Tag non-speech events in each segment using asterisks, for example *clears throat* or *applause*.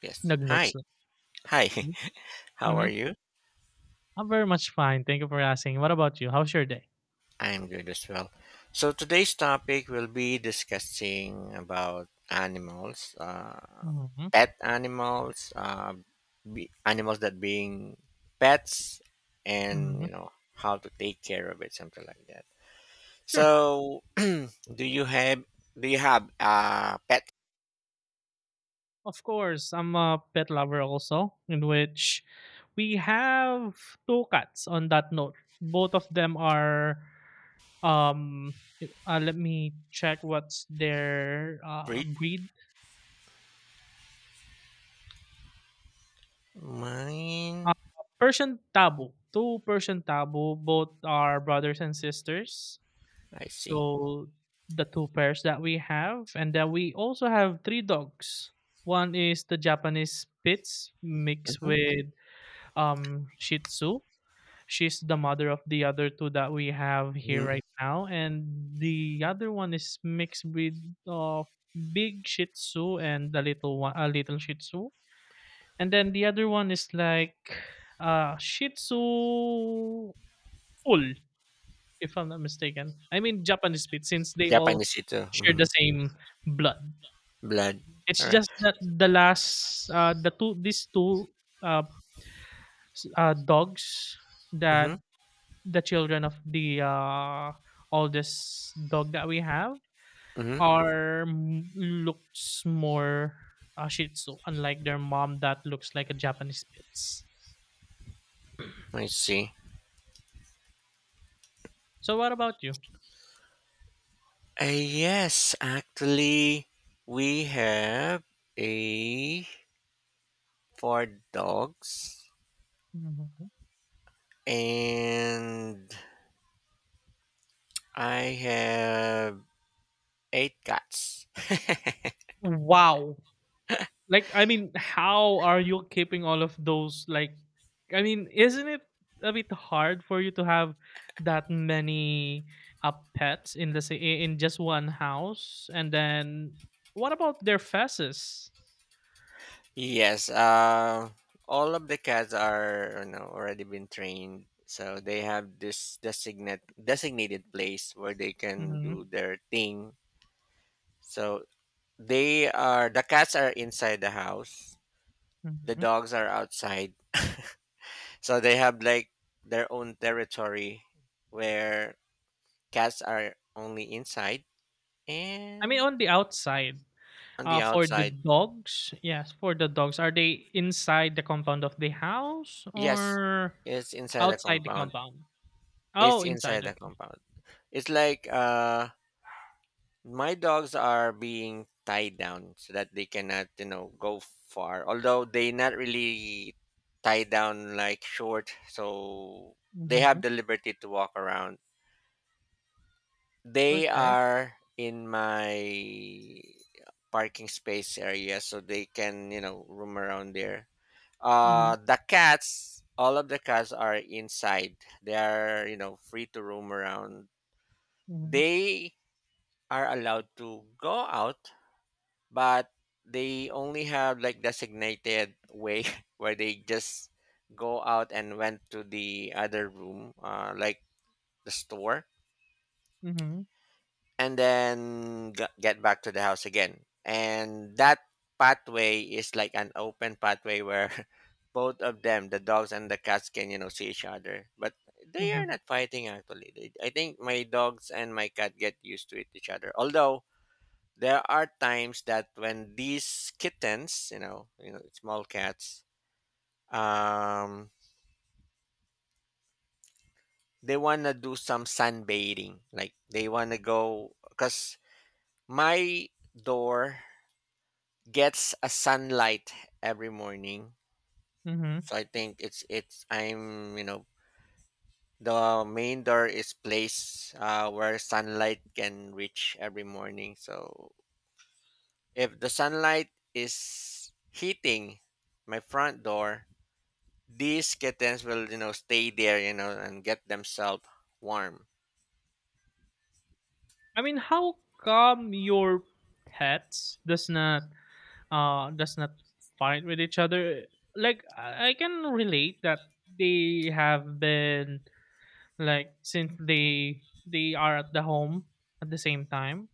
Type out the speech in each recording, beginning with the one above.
Yes. Nag-notes Hi. na. Hi. Hmm. *laughs* How are Mhm. you? I'm very much fine, thank you for asking. What about you? How's your day? I am good as well. So today's topic will be discussing about animals, Mhm. pet animals, animals that being pets, and Mhm. you know how to take care of it, something like that. Sure. So, *clears throat* do you have a pet Of course, I'm a pet lover also, in which we have two cats on that note. Both of them are, um, I let me check what's their, breed? breed. Mine. Uh, Persian Tabo, two Persian Tabo, both are brothers and sisters. I see. So the two pairs that we have, and then we also have three dogs. One is the Japanese Spitz mixed Mm-hmm. with Shih Tzu. She's the mother of the other two that we have here Mm-hmm. right now, and the other one is mixed with uh, big Shih Tzu and a little one, a little Shih Tzu, and then the other one is like Shih Tzu full, if I'm not mistaken. I mean Japanese Spitz, since they all Japanese ito. share Mm-hmm. the same blood. Blood. It's All right. just that the two these two uh, s- dogs Mm-hmm. that the children of the oldest dog that we have Mm-hmm. Looks more Shih Tzu, unlike their mom that looks like a Japanese Spitz. I see. So what about you? Yes, actually, we have a for dogs, Mhm. and I have eight cats. Wow. Like, I mean, how are you keeping all of those? Like, I mean, isn't it a bit hard for you to have that many pets in the in just one house? And then, what about their feces? Yes, all of the cats are already been trained, so they have this designated place where they can Hmm. do their thing. So the cats are inside the house, the Hmm. dogs are outside. So they have like their own territory where cats are only inside I mean, and on the outside. on the For the outside. dogs, yes, for the dogs, are they inside the compound of the house Yes, or it's inside the outside the compound. compound? It's Oh, inside inside. the Okay. compound. It's like my dogs are being tied down so that they cannot, go far. Although they not really tied down like short, so they Mm-hmm. have the liberty to walk around. They Okay. are in my parking space area so they can, roam around there. Mm-hmm. The cats, all of the cats are inside. They are, free to roam around. Mm-hmm. They are allowed to go out, but they only have like designated way *laughs* where they just go out and went to the other room, like the store Mm-hmm. and then get back to the house again. And that pathway is like an open pathway where *laughs* both of them, the dogs and the cats, can see each other. But they are Mhm. not fighting actually. I think my dogs and my cat get used to it, each other. Although there are times that when these kittens, small cats, um, they wanna do some sunbathing. Like they wanna go, cause my door gets a sunlight every morning. Mhm. So I think it's I'm you know the main door is placed where sunlight can reach every morning. So if the sunlight is heating my front door, these kittens will stay there and get themselves warm. I mean, how come your pets does not fight with each other? Like I can relate that they have been, like, since they are at the home at the same time,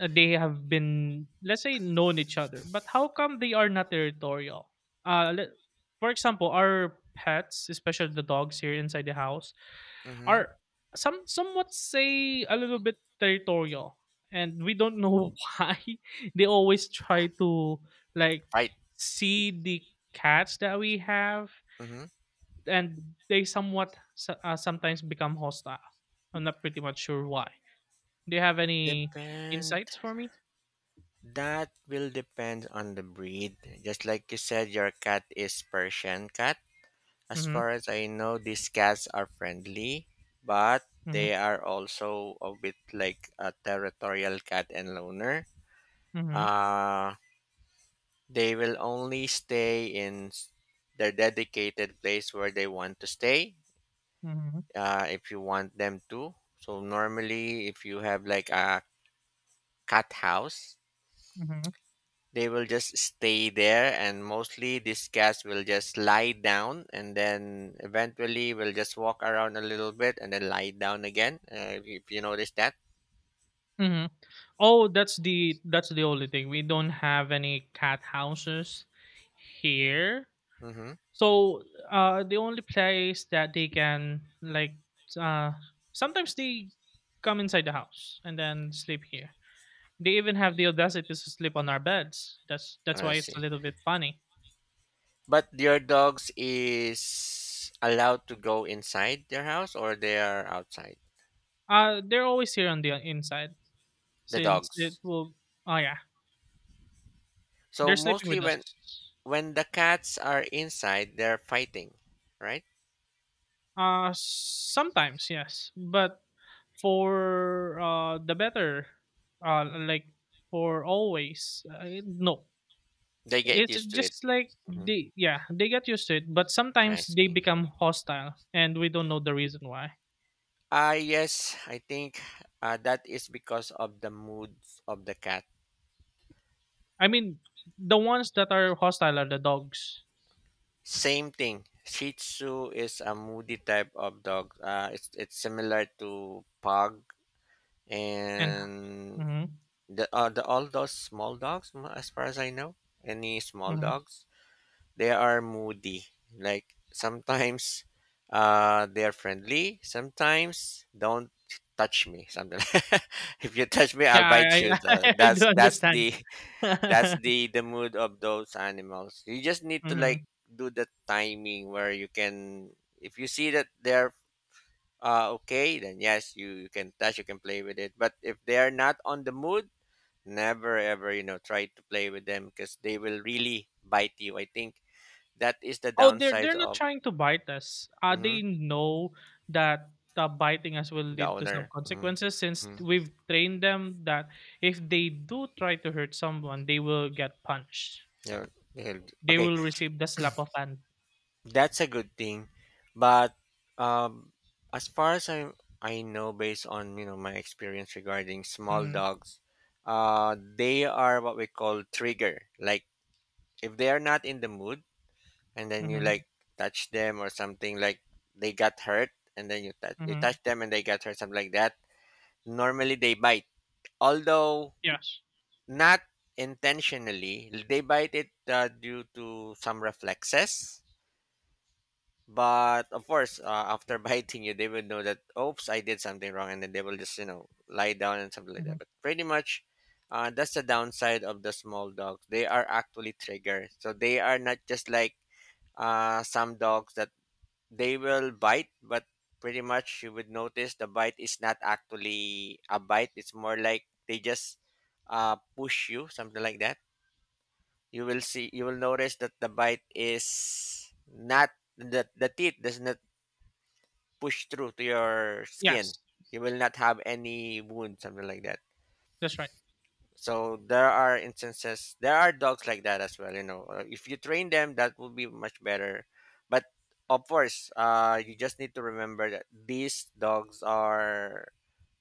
they have been, let's say, known each other. But how come they are not territorial? Uh, le- for example, our pets, especially the dogs here inside the house, Mm-hmm. are somewhat say a little bit territorial and we don't know *laughs* why they always try to, like, Right. see the cats that we have, Mm-hmm. and they sometimes become hostile. I'm not pretty much sure why. Do you have any Depend. insights for me? That will depend on the breed. Just like you said, your cat is Persian cat. As Mm-hmm. far as I know, these cats are friendly, but Mm-hmm. they are also a bit like a territorial cat and loner. Mm-hmm. Uh, they will only stay in their dedicated place where they want to stay Mm-hmm. If you want them to. So, normally, if you have like a cat house, Mm-hmm. they will just stay there, and mostly these cats will just lie down, and then eventually will just walk around a little bit, and then lie down again. If you notice that, Mm-hmm. Oh, that's the only thing. We don't have any cat houses here. mm-hmm. So the only place that they can, like, uh, sometimes they come inside the house and then sleep here. They even have the audacity to sleep on our beds. That's I why it's a see. little bit funny. But your dogs is allowed to go inside their house, or they are outside. They're always here on the inside The since it dogs. will. Oh yeah, So they're sleeping mostly with us. when the cats are inside, they're fighting, right? Sometimes yes, but for the better, like for always, no. They get It's used to it. just like Hmm. they, yeah, they get used to it, but I sometimes they see. become hostile and we don't know the reason why. Ah, yes, I think that is because of the mood of the cat. I mean, the ones that are hostile are the dogs. Same thing. Shih Tzu is a moody type of dog. It's similar to Pug And. and Mhm. the all those small dogs, as far as I know, any small Mhm. dogs, they are moody. Like sometimes, they are friendly. Sometimes don't touch me. Something. *laughs* If you touch me, I'll Yeah, bite you. *laughs* I do that's that's understand. the that's *laughs* the the mood of those animals you just need to Hmm. like do the timing where you can if you see that they're okay then yes you can touch you can play with it but if they are not on the mood never ever try to play with them because they will really bite you I think that is the Oh, they're downside they're not of trying to bite us. Mhm, They know that biting us will the lead to some owner. Hmm. consequences, since Hmm. we've trained them that if they do try to hurt someone, they will get punched. Yeah, they'll- They okay. will receive the slap of hand. That's a good thing, but um, as far as I know, based on my experience regarding small Mm-hmm. dogs, they are what we call trigger. Like if they are not in the mood, and then you Mhm. like touch them or something, like they got hurt, and then you Mhm. touch them and they got hurt, something like that. Normally they bite, although Yes. not intentionally. They bite it due to some reflexes. But of course, after *laughs* biting you, they would know that, oops, I did something wrong, and then they will just, lie down and something like that. Mhm. But pretty much, that's the downside of the small dogs. They are actually triggered. So they are not just like some dogs that they will bite, but pretty much you would notice the bite is not actually a bite. It's more like they just push you, something like that. You will see, you will notice that the bite is not, that the teeth does not push through to your skin. Yes, You will not have any wound, something like that. that's right. So there are instances, there are dogs like that as well. If you train them, that will be much better. But of course, you just need to remember that these dogs are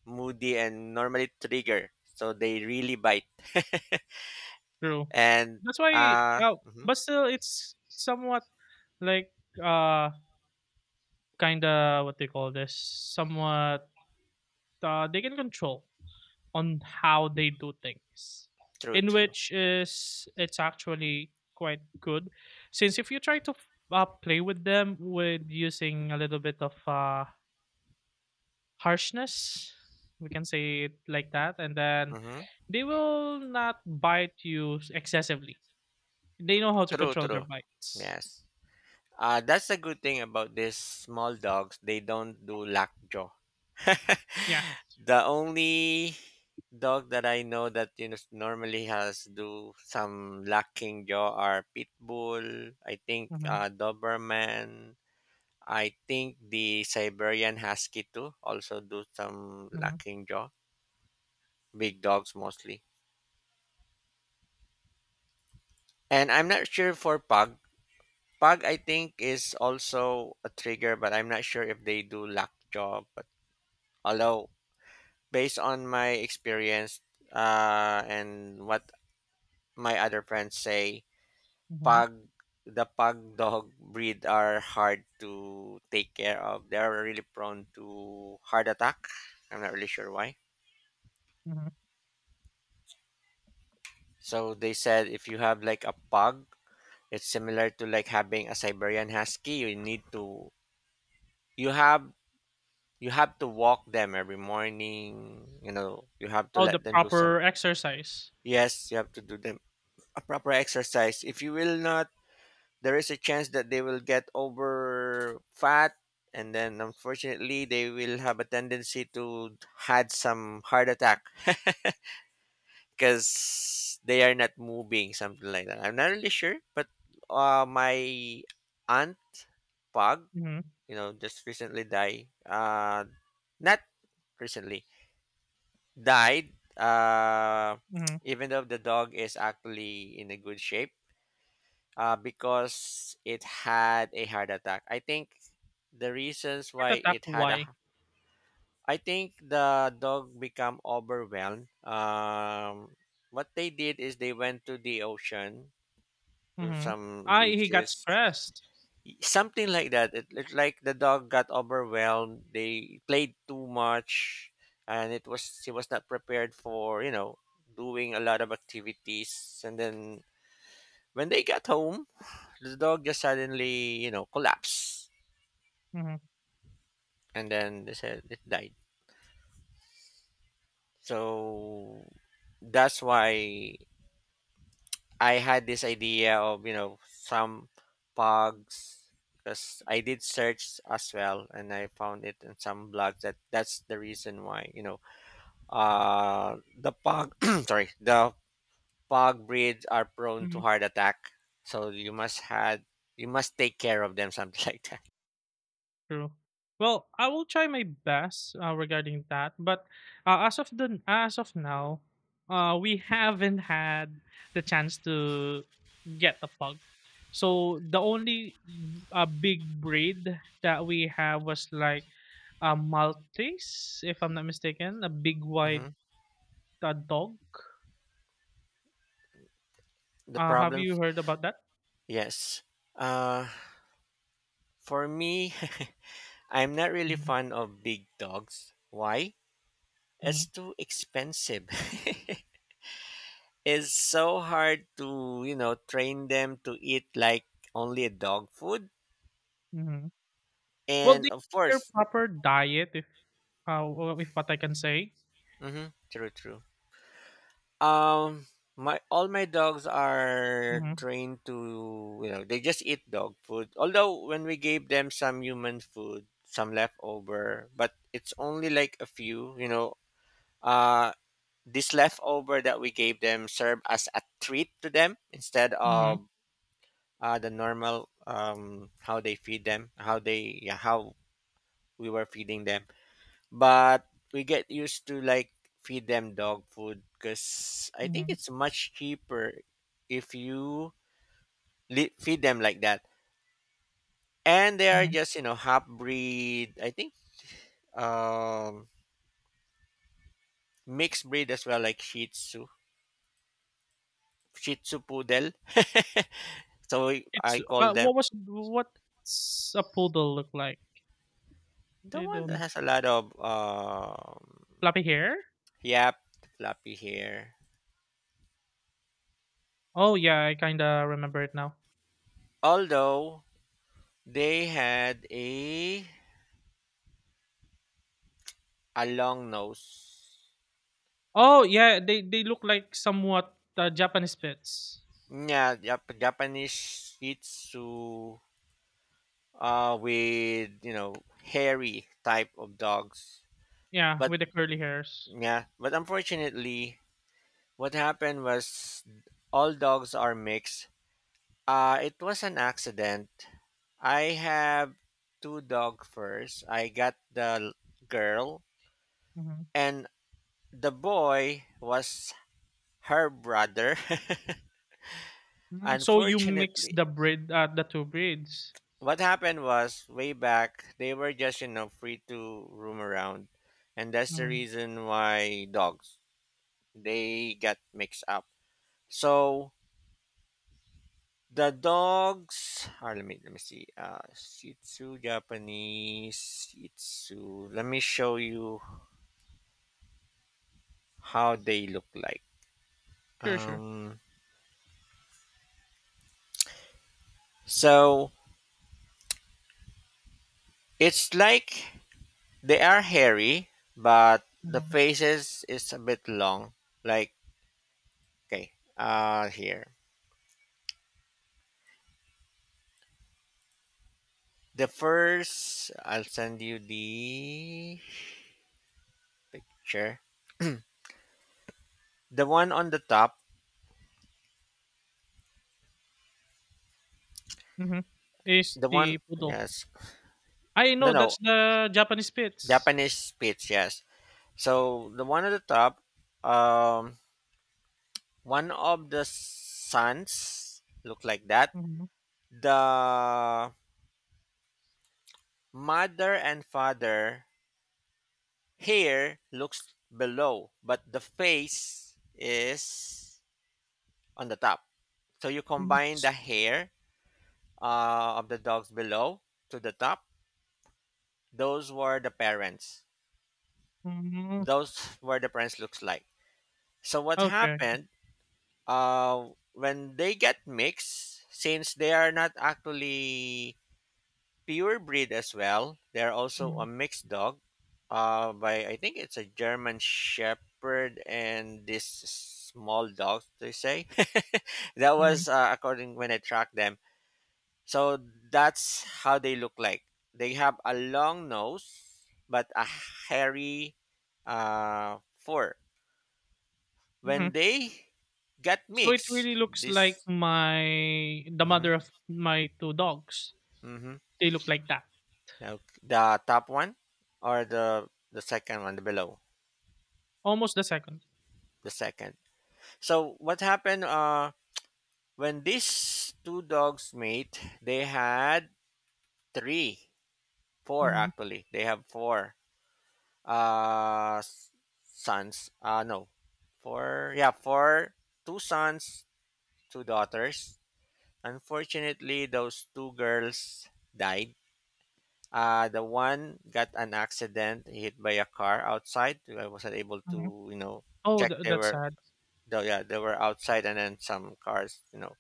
moody and normally trigger, so they really bite. *laughs* True. And That's why mhm, but still it's somewhat, like, uh, kinda what they call this, somewhat, they can control on how they do things, true, in true, which is it's actually quite good, since if you try to, play with them with using a little bit of, harshness, we can say it like that, and then hmm they will not bite you excessively. They know how to true, control their true. bites. Yes. That's a good thing about these small dogs. They don't do lockjaw. *laughs* Yeah. The only dog that I know that normally has do some lacking jaw are pit bull. I think Mm-hmm. Doberman. I think the Siberian Husky too also do some Mm-hmm. lacking jaw. Big dogs mostly. And I'm not sure for pug. Pug I think is also a trigger, but I'm not sure if they do lack jaw. But although based on my experience and what my other friends say Mm-hmm. pug the pug dog breed are hard to take care of. They're really prone to heart attack. I'm not really sure why. Mm-hmm. So they said if you have like a pug, it's similar to like having a Siberian husky. You need to you have you have to walk them every morning. You have to Oh, the let them do some proper exercise. yes, you have to do them a proper exercise. If you will not there is a chance that they will get over fat and then unfortunately they will have a tendency to had some heart attack because they are not moving something like that I'm not really sure but my aunt pug Mm-hmm. Just recently died not recently died *tsk* Mm-hmm. even though the dog is actually in a good shape because it had a heart attack I think the reasons Heart why attack. it had a Why? I think the dog become overwhelmed what they did is they went to the ocean to Mm-hmm. some I He got beaches stressed. something like that it's like the dog got overwhelmed they played too much and it was he was not prepared for doing a lot of activities and then when they got home the dog just suddenly collapsed Mm-hmm. and then they said it died. So that's why I had this idea of, some pogs because I did search as well and I found it in some blogs that that's the reason why, the pog *clears throat* sorry, the pog breeds are prone to Mm-hmm. heart attack. So you must take care of them something *laughs* like that. True. Well, I will try my best regarding that, but as of now, we haven't had the chance to get a pug. So the only big breed that we have was like a Maltese, if I'm not mistaken, a big Hmm. white dog. The Have you problems, heard about that? yes. Uh for me, *laughs* I'm not really Mhm. fond of big dogs. Why? It's Mhm. too expensive. *laughs* It's so hard to, train them to eat like only a dog food. Mhm. Well, And they of have their course, proper diet, if if what I can say. mm-hmm, true, true. Um, my all my dogs are Mm-hmm. trained to, they just eat dog food. Although when we gave them some human food, some leftover, but it's only like a few. Uh, this leftover that we gave them served as a treat to them instead of Mm-hmm. The normal how they feed them, how they yeah, how we were feeding them. But we get used to like feed them dog food because I think Mm-hmm. it's much cheaper if you feed them like that. And they are Hmm. just half breed. I think um, mixed breed as well, like Shih Tzu, Shih Tzu poodle. *laughs* so I It's call them what's a poodle look like? the They one that don't has a lot of floppy hair. yap, floppy hair. Oh yeah, I kinda remember it now. Although they had a long nose. Oh, yeah, they look like somewhat, Japanese pets. Yeah, Japanese Shih Tzu with hairy type of dogs. Yeah, But with the curly hairs. yeah, but unfortunately, what happened was all dogs are mixed. It was an accident. I have two dog first. I got the girl Mhm. and the boy was her brother. *laughs* Mm, so you mix Unfortunately, the breed, the two breeds. what happened was way back they were just you know free to roam around, and that's the Mhm. reason why dogs they got mixed up. So the dogs are, let me see, shih tzu, Japanese shih tzu, let me show you how they look like. Sure, sure. um so it's like they are hairy, but the Mhm. faces is a bit long, like, okay, here. The first, I'll send you the picture. The one on the top, Mhm. Is the one, the poodle. yes. I No, know, no, that's the Japanese Pits. Japanese spitz, yes. So the one on the top, um, one of the sons look like that. Mhm. The mother and father hair looks below, but the face is on the top. So you Mhm. combine the hair of the dogs below to the top. Those were the parents. Mhm. Those were the parents looks like. So what Okay. happened, uh when they get mixed, since they are not actually pure breed as well, they're also a Mhm. mixed dog, by, I think it's a German shepherd and this small dog, they say. *laughs* That Mhm. was, according when I tracked them. So that's how they look like. They have a long nose, but a hairy, fur. When Mhm. they get So it mixed, really looks like this, my the mm-hmm, mother of my two dogs. mm-hmm, They look like that. now the top one or the second one, the below, Almost the second. the second. So what happened? When these two dogs mate, they had three, four Mhm. actually. They have four uh s- sons, no, four, yeah, four, two sons, two daughters. Unfortunately those two girls died. The one got an accident, hit by a car outside. I wasn't able Mhm. to, you know, Oh, check. They that's were, sad. though, yeah, they were outside, and then some cars, you know,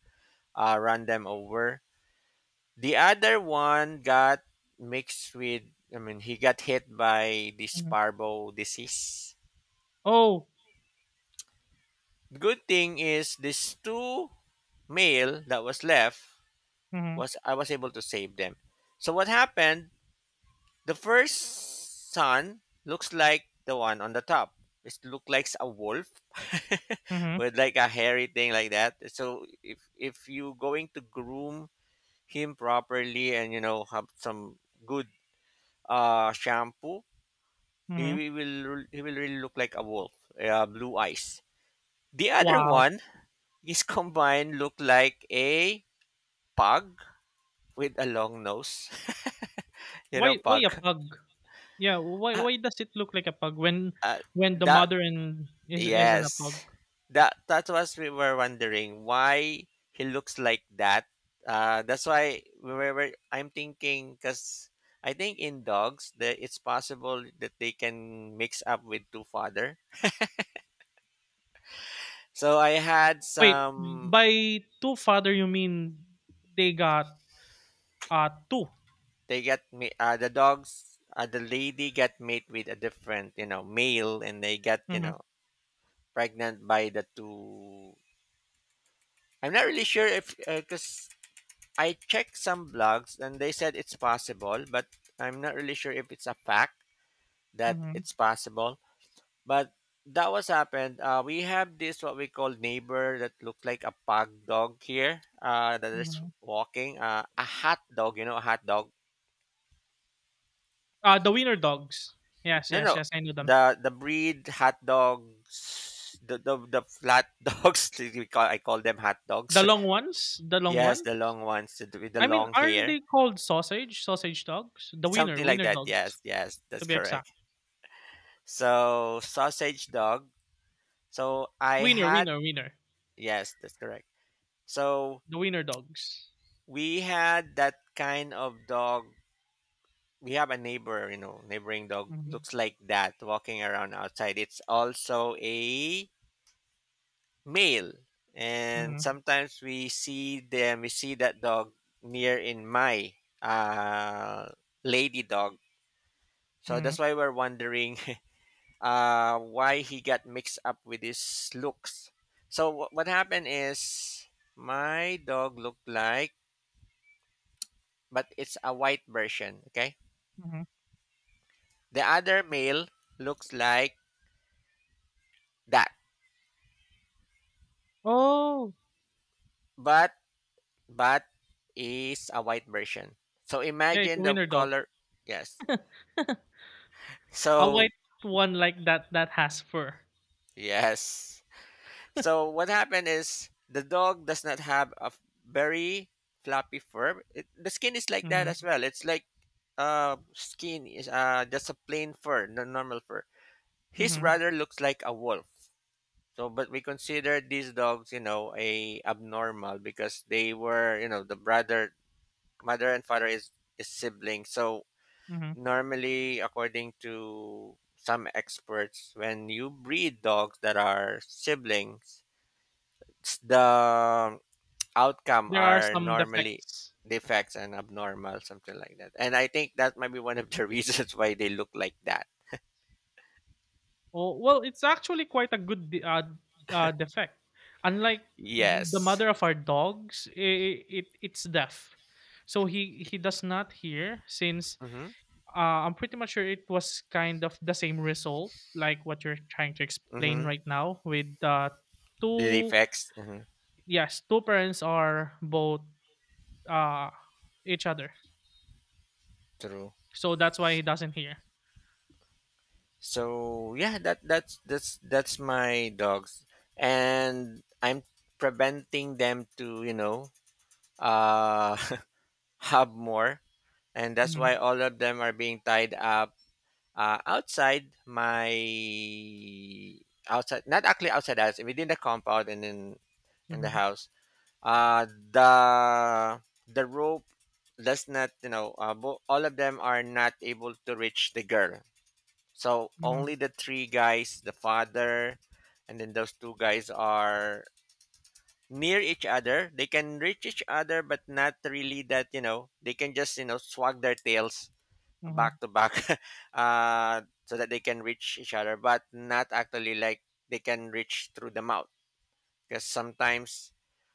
run them over. The other one got mixed with, I mean, he got hit by this Mhm. sparbo disease. Oh. Good thing is this two male that was left, Mhm. was I was able to save them. So what happened? The first son looks like the one on the top. It looks like a wolf *laughs* Mhm. with like a hairy thing like that. So if you going to groom him properly, and you know have some good, shampoo, Mhm. he will really look like a wolf. Blue eyes. The other Wow. one, his combine looked like a pug with a long nose. *laughs* You know, Why pug. a pug? Yeah, why Uh, why does it look like a pug when uh, when the that, mother and is isn't a pug? yes, that was, we were wondering why he looks like that. That's why we were. I'm thinking because I think in dogs that it's possible that they can mix up with two father. So I had Wait, some, by two father you mean they got two? they get me the dogs, the lady got mate with a different, you know, male, and they got, you Mhm. know, pregnant by the two. I'm not really sure if, because I checked some blogs and they said it's possible, but I'm not really sure if it's a fact that Mhm. it's possible. But that was happened, we have this what we call neighbor that looked like a pug dog here, that is Mhm. walking, a hot dog, you know, a hot dog. The wiener dogs. Yes, No, yes, no. yes. I knew them. The breed hot dogs, the flat *laughs* dogs. We call I call them hot The dogs. long ones. The *laughs* long Yes, ones. the long ones to with the I mean, long aren't hair, they called sausage? Sausage dogs. The wiener, something like wiener that. dogs, Yes, yes, to that's be exact. correct. So, sausage dog. So I Wiener, had, wiener, wiener. yes, that's correct. So The wiener dogs. we had that kind of dog. We have a neighbor, you know, neighboring dog Mm-hmm. looks like that walking around outside. It's also a male, and Mm-hmm. sometimes we see that dog near in my, uh lady dog. So Mhm. that's why we're wondering *laughs* why he got mixed up with his looks. So what happened is, my dog looked like, but it's a white version, okay. Mhm. The other male looks like that, Oh, but but is a white version, so yeah, it's a imagine the wiener dog. color. Yes. A So, white one like that that has fur. yes. So what happened is the dog does not have a very floppy fur. It, the skin is like that as Mhm. well. It's like, skin is, just a plain fur, the normal fur. His Mhm. brother looks like a wolf. So, but we consider these dogs, you know, a abnormal, because they were, you know, the brother, mother and father is siblings. So Mhm. normally, according to some experts, when you breed dogs that are siblings, the outcome There are are some normally defects. defects and abnormal, something like that. And I think that might be one of the *laughs* reasons why they look like that. Oh, well, it's actually quite a good defect. Unlike the Yes. mother of our dogs, it's deaf, so he does not hear. Since Mm-hmm. I'm pretty much sure it was kind of the same result, like what you're trying to explain Mm-hmm. right now with The two, defects. Mm-hmm. yes, two parents are both, uh, each other. True. So that's why he doesn't hear. So yeah, that's my dogs. And I'm preventing them to, you know, uh *laughs* have more. And that's why Mm-hmm. all of them are being tied up, outside my, outside, not actually outside the house, within the compound, and in the Mm-hmm. house. The rope does not, you know, all of them are not able to reach the girl. So Mm-hmm. only the three guys, the father, and then those two guys are near each other, they can reach each other, but not really, that, you know, they can just, you know, swag their tails Mm-hmm. back to back. *laughs* So that they can reach each other, but not actually like they can reach through the mouth. Because sometimes,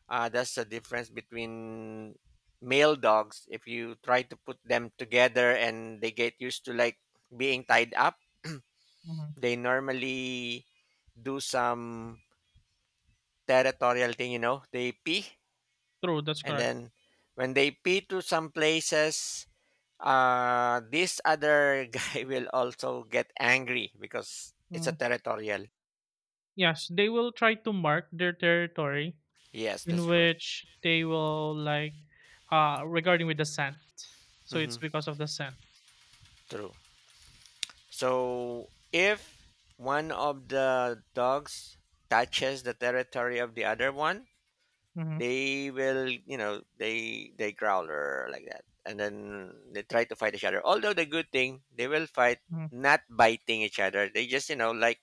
that's the difference between male dogs. If you try to put them together and they get used to like being tied up, Hmm. they normally do some territorial thing, you know, they pee. True, that's And correct. then when they pee to some places, this other *laughs* guy will also get angry, because it's a Mm. territorial. Yes, they will try to mark their territory, Yes, in that's correct. which they will, like, regarding with the scent. So Hmm. it's because of the scent. True. So if one of the dogs touches the territory of the other one, Mm-hmm. they will, you know, they growl or like that. And then they try to fight each other, although the good thing, they will fight, Mm-hmm. not biting each other, they just, you know, like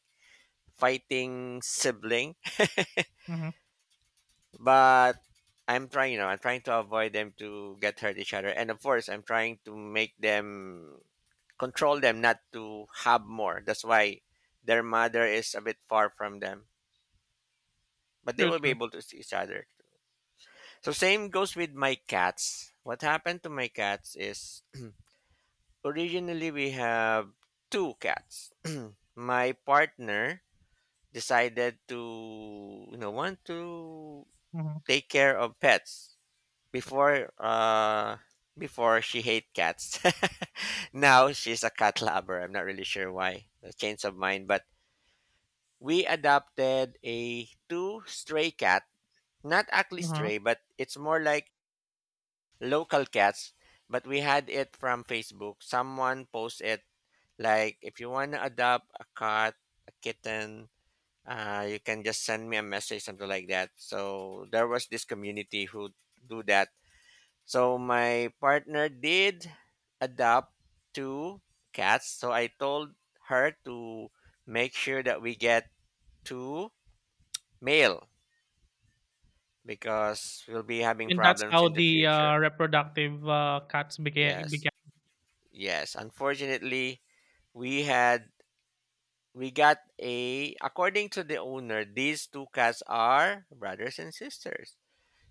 fighting sibling. Mhm. But I'm trying, you know, I'm trying to avoid them to get hurt each other, and of course, I'm trying to make them, control them not to have more. That's why their mother is a bit far from them, but they True, will be true. able to see each other. So same goes with my cats. What happened to my cats is, *clears throat* originally we have two cats. *clears throat* My partner decided to, you know, want to Mhm. take care of pets. Before uh before she hate cats. *laughs* Now she's a cat lover. I'm not really sure why. A change of mind, but we adopted a two stray cat. Not actually Uh-huh. stray, but it's more like local cats. But we had it from Facebook. Someone posted it, like, if you wanna adopt a cat, a kitten, you can just send me a message, something like that. So there was this community who do that. So my partner did adopt two cats. So I told her to make sure that we get two male because we'll be having And that's problems how in the the, future. Reproductive, cats beca Yes. beca Yes. Unfortunately, we had we got, a, according to the owner, these two cats are brothers and sisters.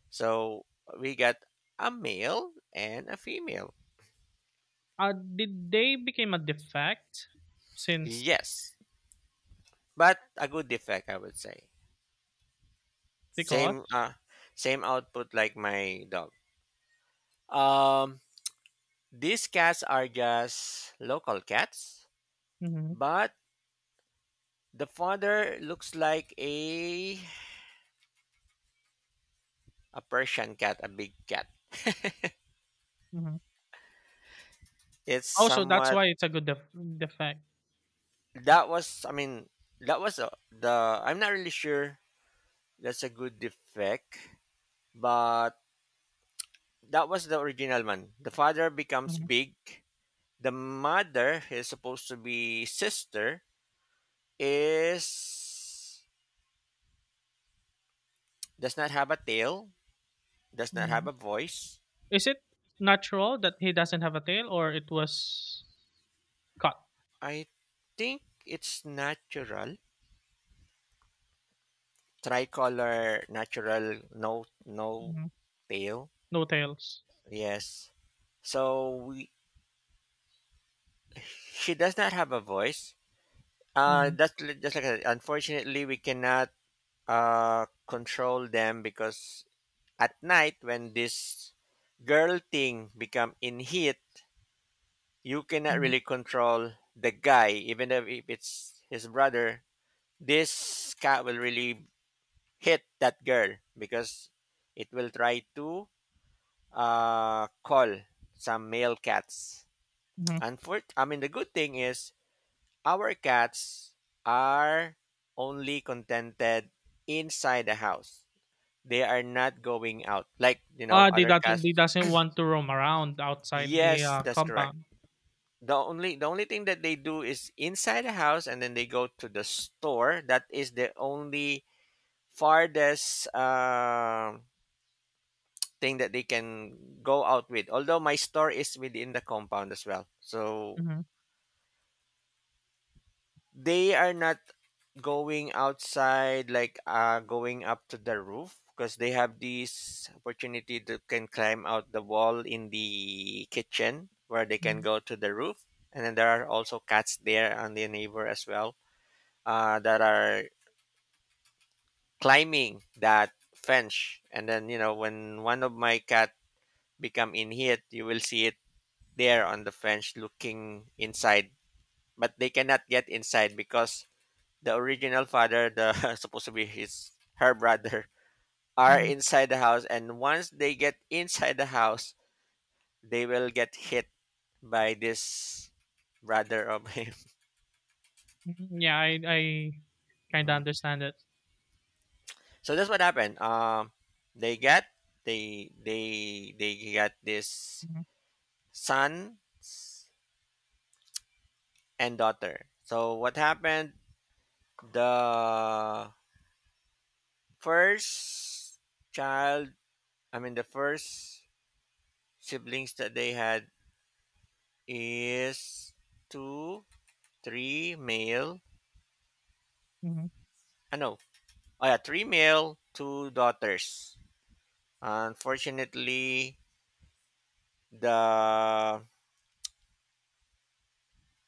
So we got a male and a female. Did they became a defect since Yes. But a good defect I would say. Same because? uh same output like my dog. Um these cats are just local cats, Mhm. but the father looks like a Persian cat, a big cat. Mhm. It's Oh, so that's somewhat, why it's a good defect. that was, I mean, that was, the, I'm not really sure that's a good defect, but that was the original one. The father becomes Mhm. big. The mother is supposed to be sister, is, does not have a tail, does not have Mhm. a voice. Is it natural that he doesn't have a tail or it was cut? I think it's natural. Tricolor natural, no, no Mhm. tail. No tails. Yes. So we, she does not have a voice. Mhm. That's just like I said, unfortunately we cannot control them, because at night when this girl thing become in heat, you cannot Mhm. really control the guy, even if it's his brother. This cat will really hit that girl because it will try to, call some male cats. Mhm. I mean, the good thing is our cats are only contented inside the house. They are not going out like, you know, Ah, they other doesn't cats. they doesn't want to roam around outside the, Yes, that's correct. compound. The only thing that they do is inside the house, and then they go to the store. That is the only farthest thing that they can go out with. Although my store is within the compound as well. So Mhm. they are not going outside like, going up to the roof, because they have this opportunity to can climb out the wall in the kitchen where they can Mhm. go to the roof. And then there are also cats there on the neighbor as well, that are climbing that fence. And then, you know, when one of my cat become in heat, you will see it there on the fence, looking inside, but they cannot get inside because the original father, the *laughs* supposed to be his, her brother, are Mhm. inside the house. And once they get inside the house, they will get hit by this brother of him. *laughs* Mhm. Yeah, I kinda Mhm. understand it. So that's what happened. They got they got this Mhm. son and daughter. So what happened? The first child, I mean, the first siblings that they had is two, three male. Mhm. I know. Oh, yeah, three male, two daughters. Unfortunately, the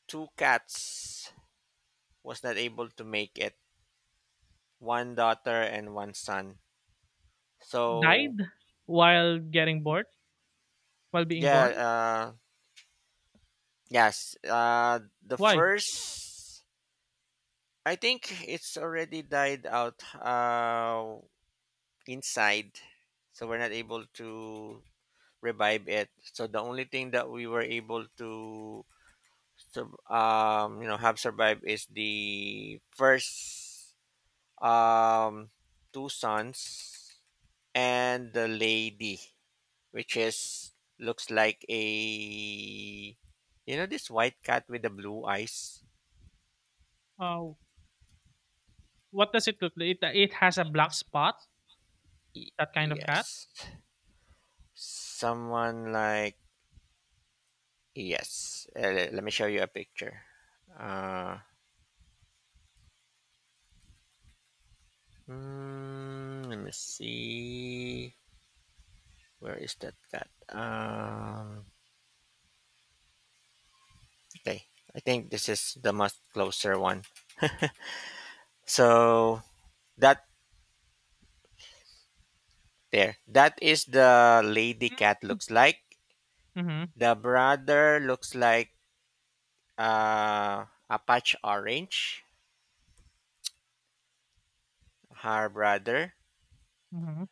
two cats was not able to make it. One daughter and one son. So, Died while getting born? While being born? yeah, yes, the Why? first I think it's already died out. Inside so we're not able to revive it so the only thing that we were able to have survived is the first um two sons and the lady which is looks like a this white cat with the blue eyes. Uh, what does it look like? It has a black spot? Y- That kind of cat? yes, someone like yes. Let me show you a picture. uh let me see. Where is that cat? Okay. I think this is the much closer one. So that there, that is the lady cat looks like. Mm-hmm. The brother looks like uh, a patch orange, her brother, Mm-hmm.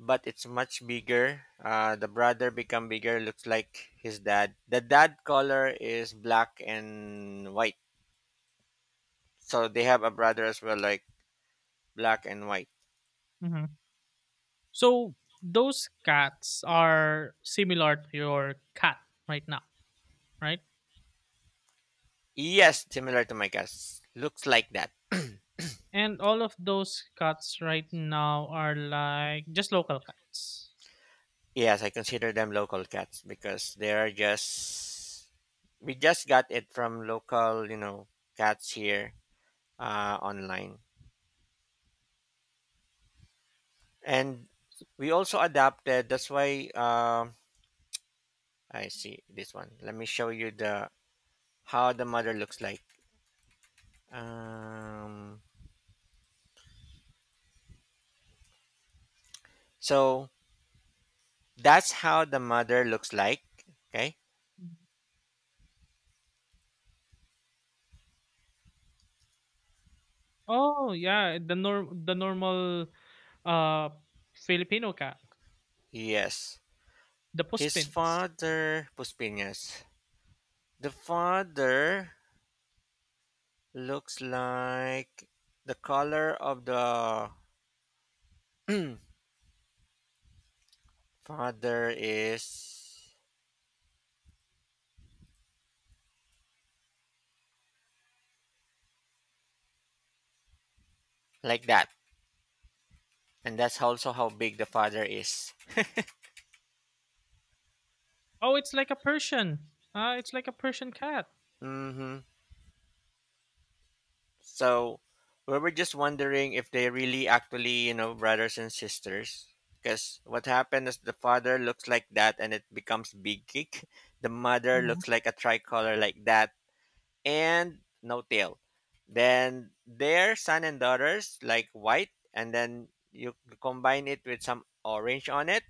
but it's much bigger. The brother become bigger, looks like his dad. The dad color is black and white. So they have a brother as well, like black and white. Mm-hmm. So those cats are similar to your cat right now, right? Yes, similar to my cats. Looks like that. And all of those cats right now are like just local cats. Yes, I consider them local cats because they're just we just got it from local, you know, cats here online. And we also adapted. That's why I see this one. Let me show you the how the mother looks like. Um, so that's how the mother looks like. Okay. Oh yeah, the normal uh Filipino cat, Yes. the His puspins. father, Puspinas. The father looks like the color of the *clears throat* father is like that. And that's also how big the father is. Oh, it's like a Persian. It's like a Persian cat. Hmm. So we were just wondering if they really actually, you know, brothers and sisters. Because what happened is the father looks like that and it becomes big kick. *laughs* The mother Mhm. looks like a tricolor like that and no tail. Then their son and daughters like white, and then you combine it with some orange on it,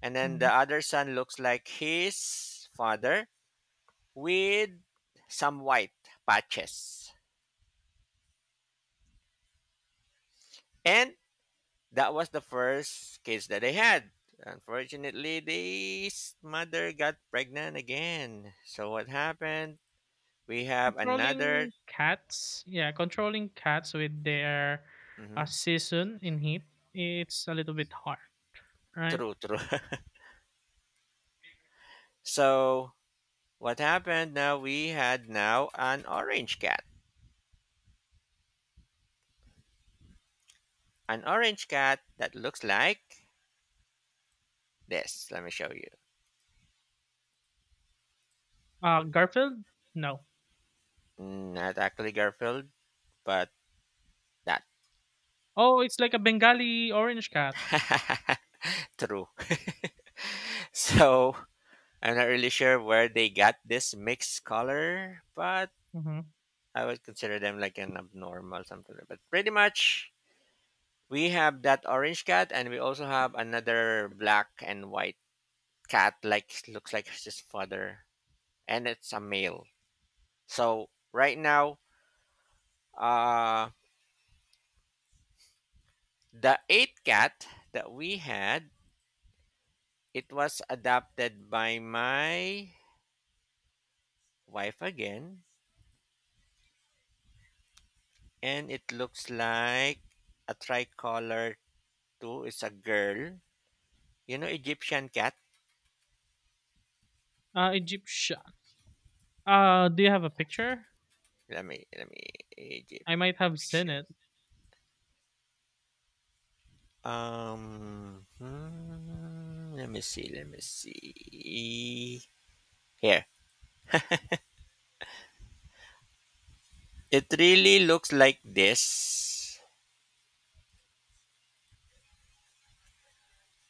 and then the Mhm. other son looks like his father with some white patches. And that was the first kids that they had. Unfortunately, this mother got pregnant again. So what happened? We have another. Controlling cats, yeah, controlling cats with their Mhm. season in heat, it's a little bit hard, right? True, true. *laughs* So what happened now we had now an orange cat. An orange cat that looks like this. Let me show you. Garfield, no. Not actually Garfield, but that. Oh, it's like a Bengali orange cat. *laughs* True. So I'm not really sure where they got this mixed color, but Mhm. I would consider them like an abnormal something. But pretty much we have that orange cat and we also have another black and white cat like looks like his father. And it's a male. So right now Uh, the eighth cat that we had, it was adopted by my wife again, and it looks like a tricolor too. It's a girl. You know, Egyptian cat. Egyptian. Do you have a picture? Let me I might have seen it. Egyptian. Let me see. Let me see. Here, it really looks like this,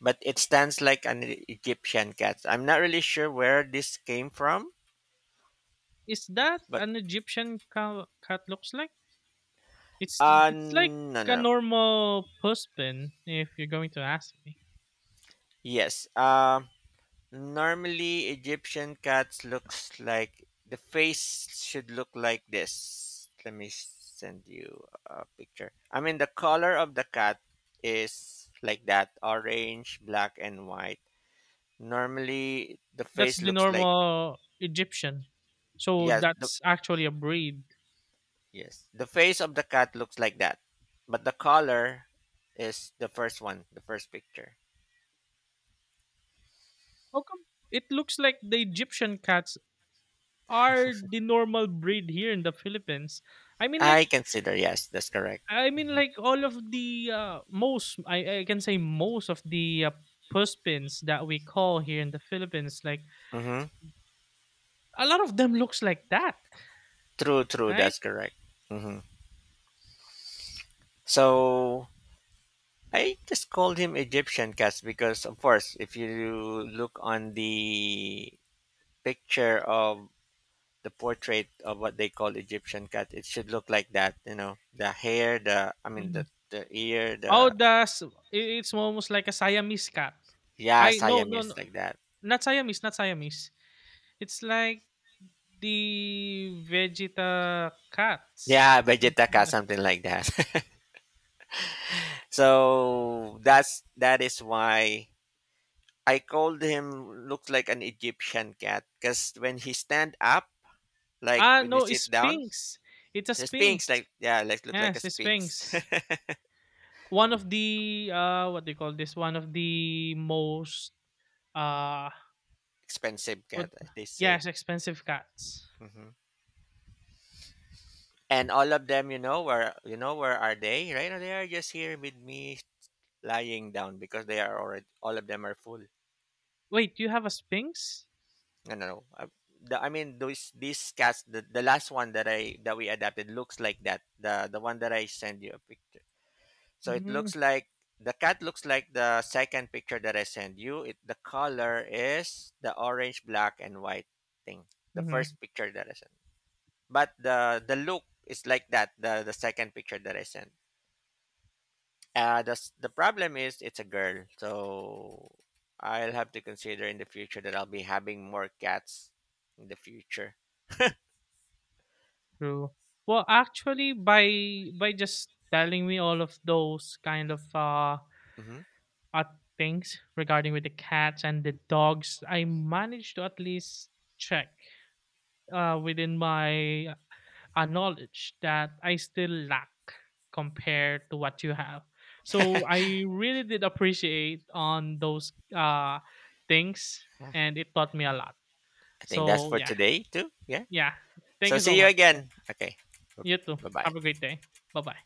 but it stands like an Egyptian cat. I'm not really sure where this came from, Is that but an Egyptian cat looks like? It's like no, no, a no. normal puss pin if you're going to ask me. Yes. Normally Egyptian cats looks like the face should look like this. Let me send you a picture. I mean the color of the cat is like that, orange, black and white. Normally the That's face the looks like normal Egyptian. So yes, the that's actually a breed. yes. The face of the cat looks like that. But the color is the first one, the first picture. How come it looks like the Egyptian cats are the normal breed here in the Philippines? I mean like I consider, yes, that's correct. I mean Mhm. like all of the, most I can say most of the, puspins that we call here in the Philippines, like Mm-hmm. a lot of them looks like that, True, true, right? that's correct. Mm-hmm. So I just called him Egyptian cats because, of course, if you look on the picture of the portrait of what they call Egyptian cat, it should look like that. You know, the hair, the I mean, Mhm. the ear, Oh, the it's almost like a Siamese cat. yeah, I No, no, Siamese no, like that. not Siamese, not Siamese. It's like the Vegeta cats. Yeah, Vegetaca, something like that. *laughs* So that's that is why I called him looks like an Egyptian cat because when he stand up, like Ah, when you no, sit it's down, Sphinx. It's a the sphinx Sphinx. like yeah, like look like Yes, a it's sphinx. Sphinx. *laughs* One of the, what do you call this? One of the most, uh, Expensive what? cat, as they say. Yes, expensive cats. Hmm. And all of them, you know where are they? Right now they are just here with me lying down because they are already all of them are full. Wait, you have a Sphinx? I don't know. The, I mean, those these cats. The last one that I that we adapted looks like that. The one that I send you a picture. So it Mm-hmm. looks like the cat looks like the second picture that I send you. It the color is the orange, black, and white thing. The Mm-hmm. first picture that I sent, but the look is like that. The second picture that I sent. The problem is it's a girl. So I'll have to consider in the future that I'll be having more cats in the future. True. Well, actually, by just telling me all of those kind of Hmm. uh, things regarding with the cats and the dogs, I managed to at least check, within my, knowledge that I still lack compared to what you have. So I really did appreciate on those, things, and it taught me a lot. I think that's So for yeah, today too. Yeah. yeah. Thank So you so see you much. again. Okay. You too. Bye bye. Have a great day. Bye bye.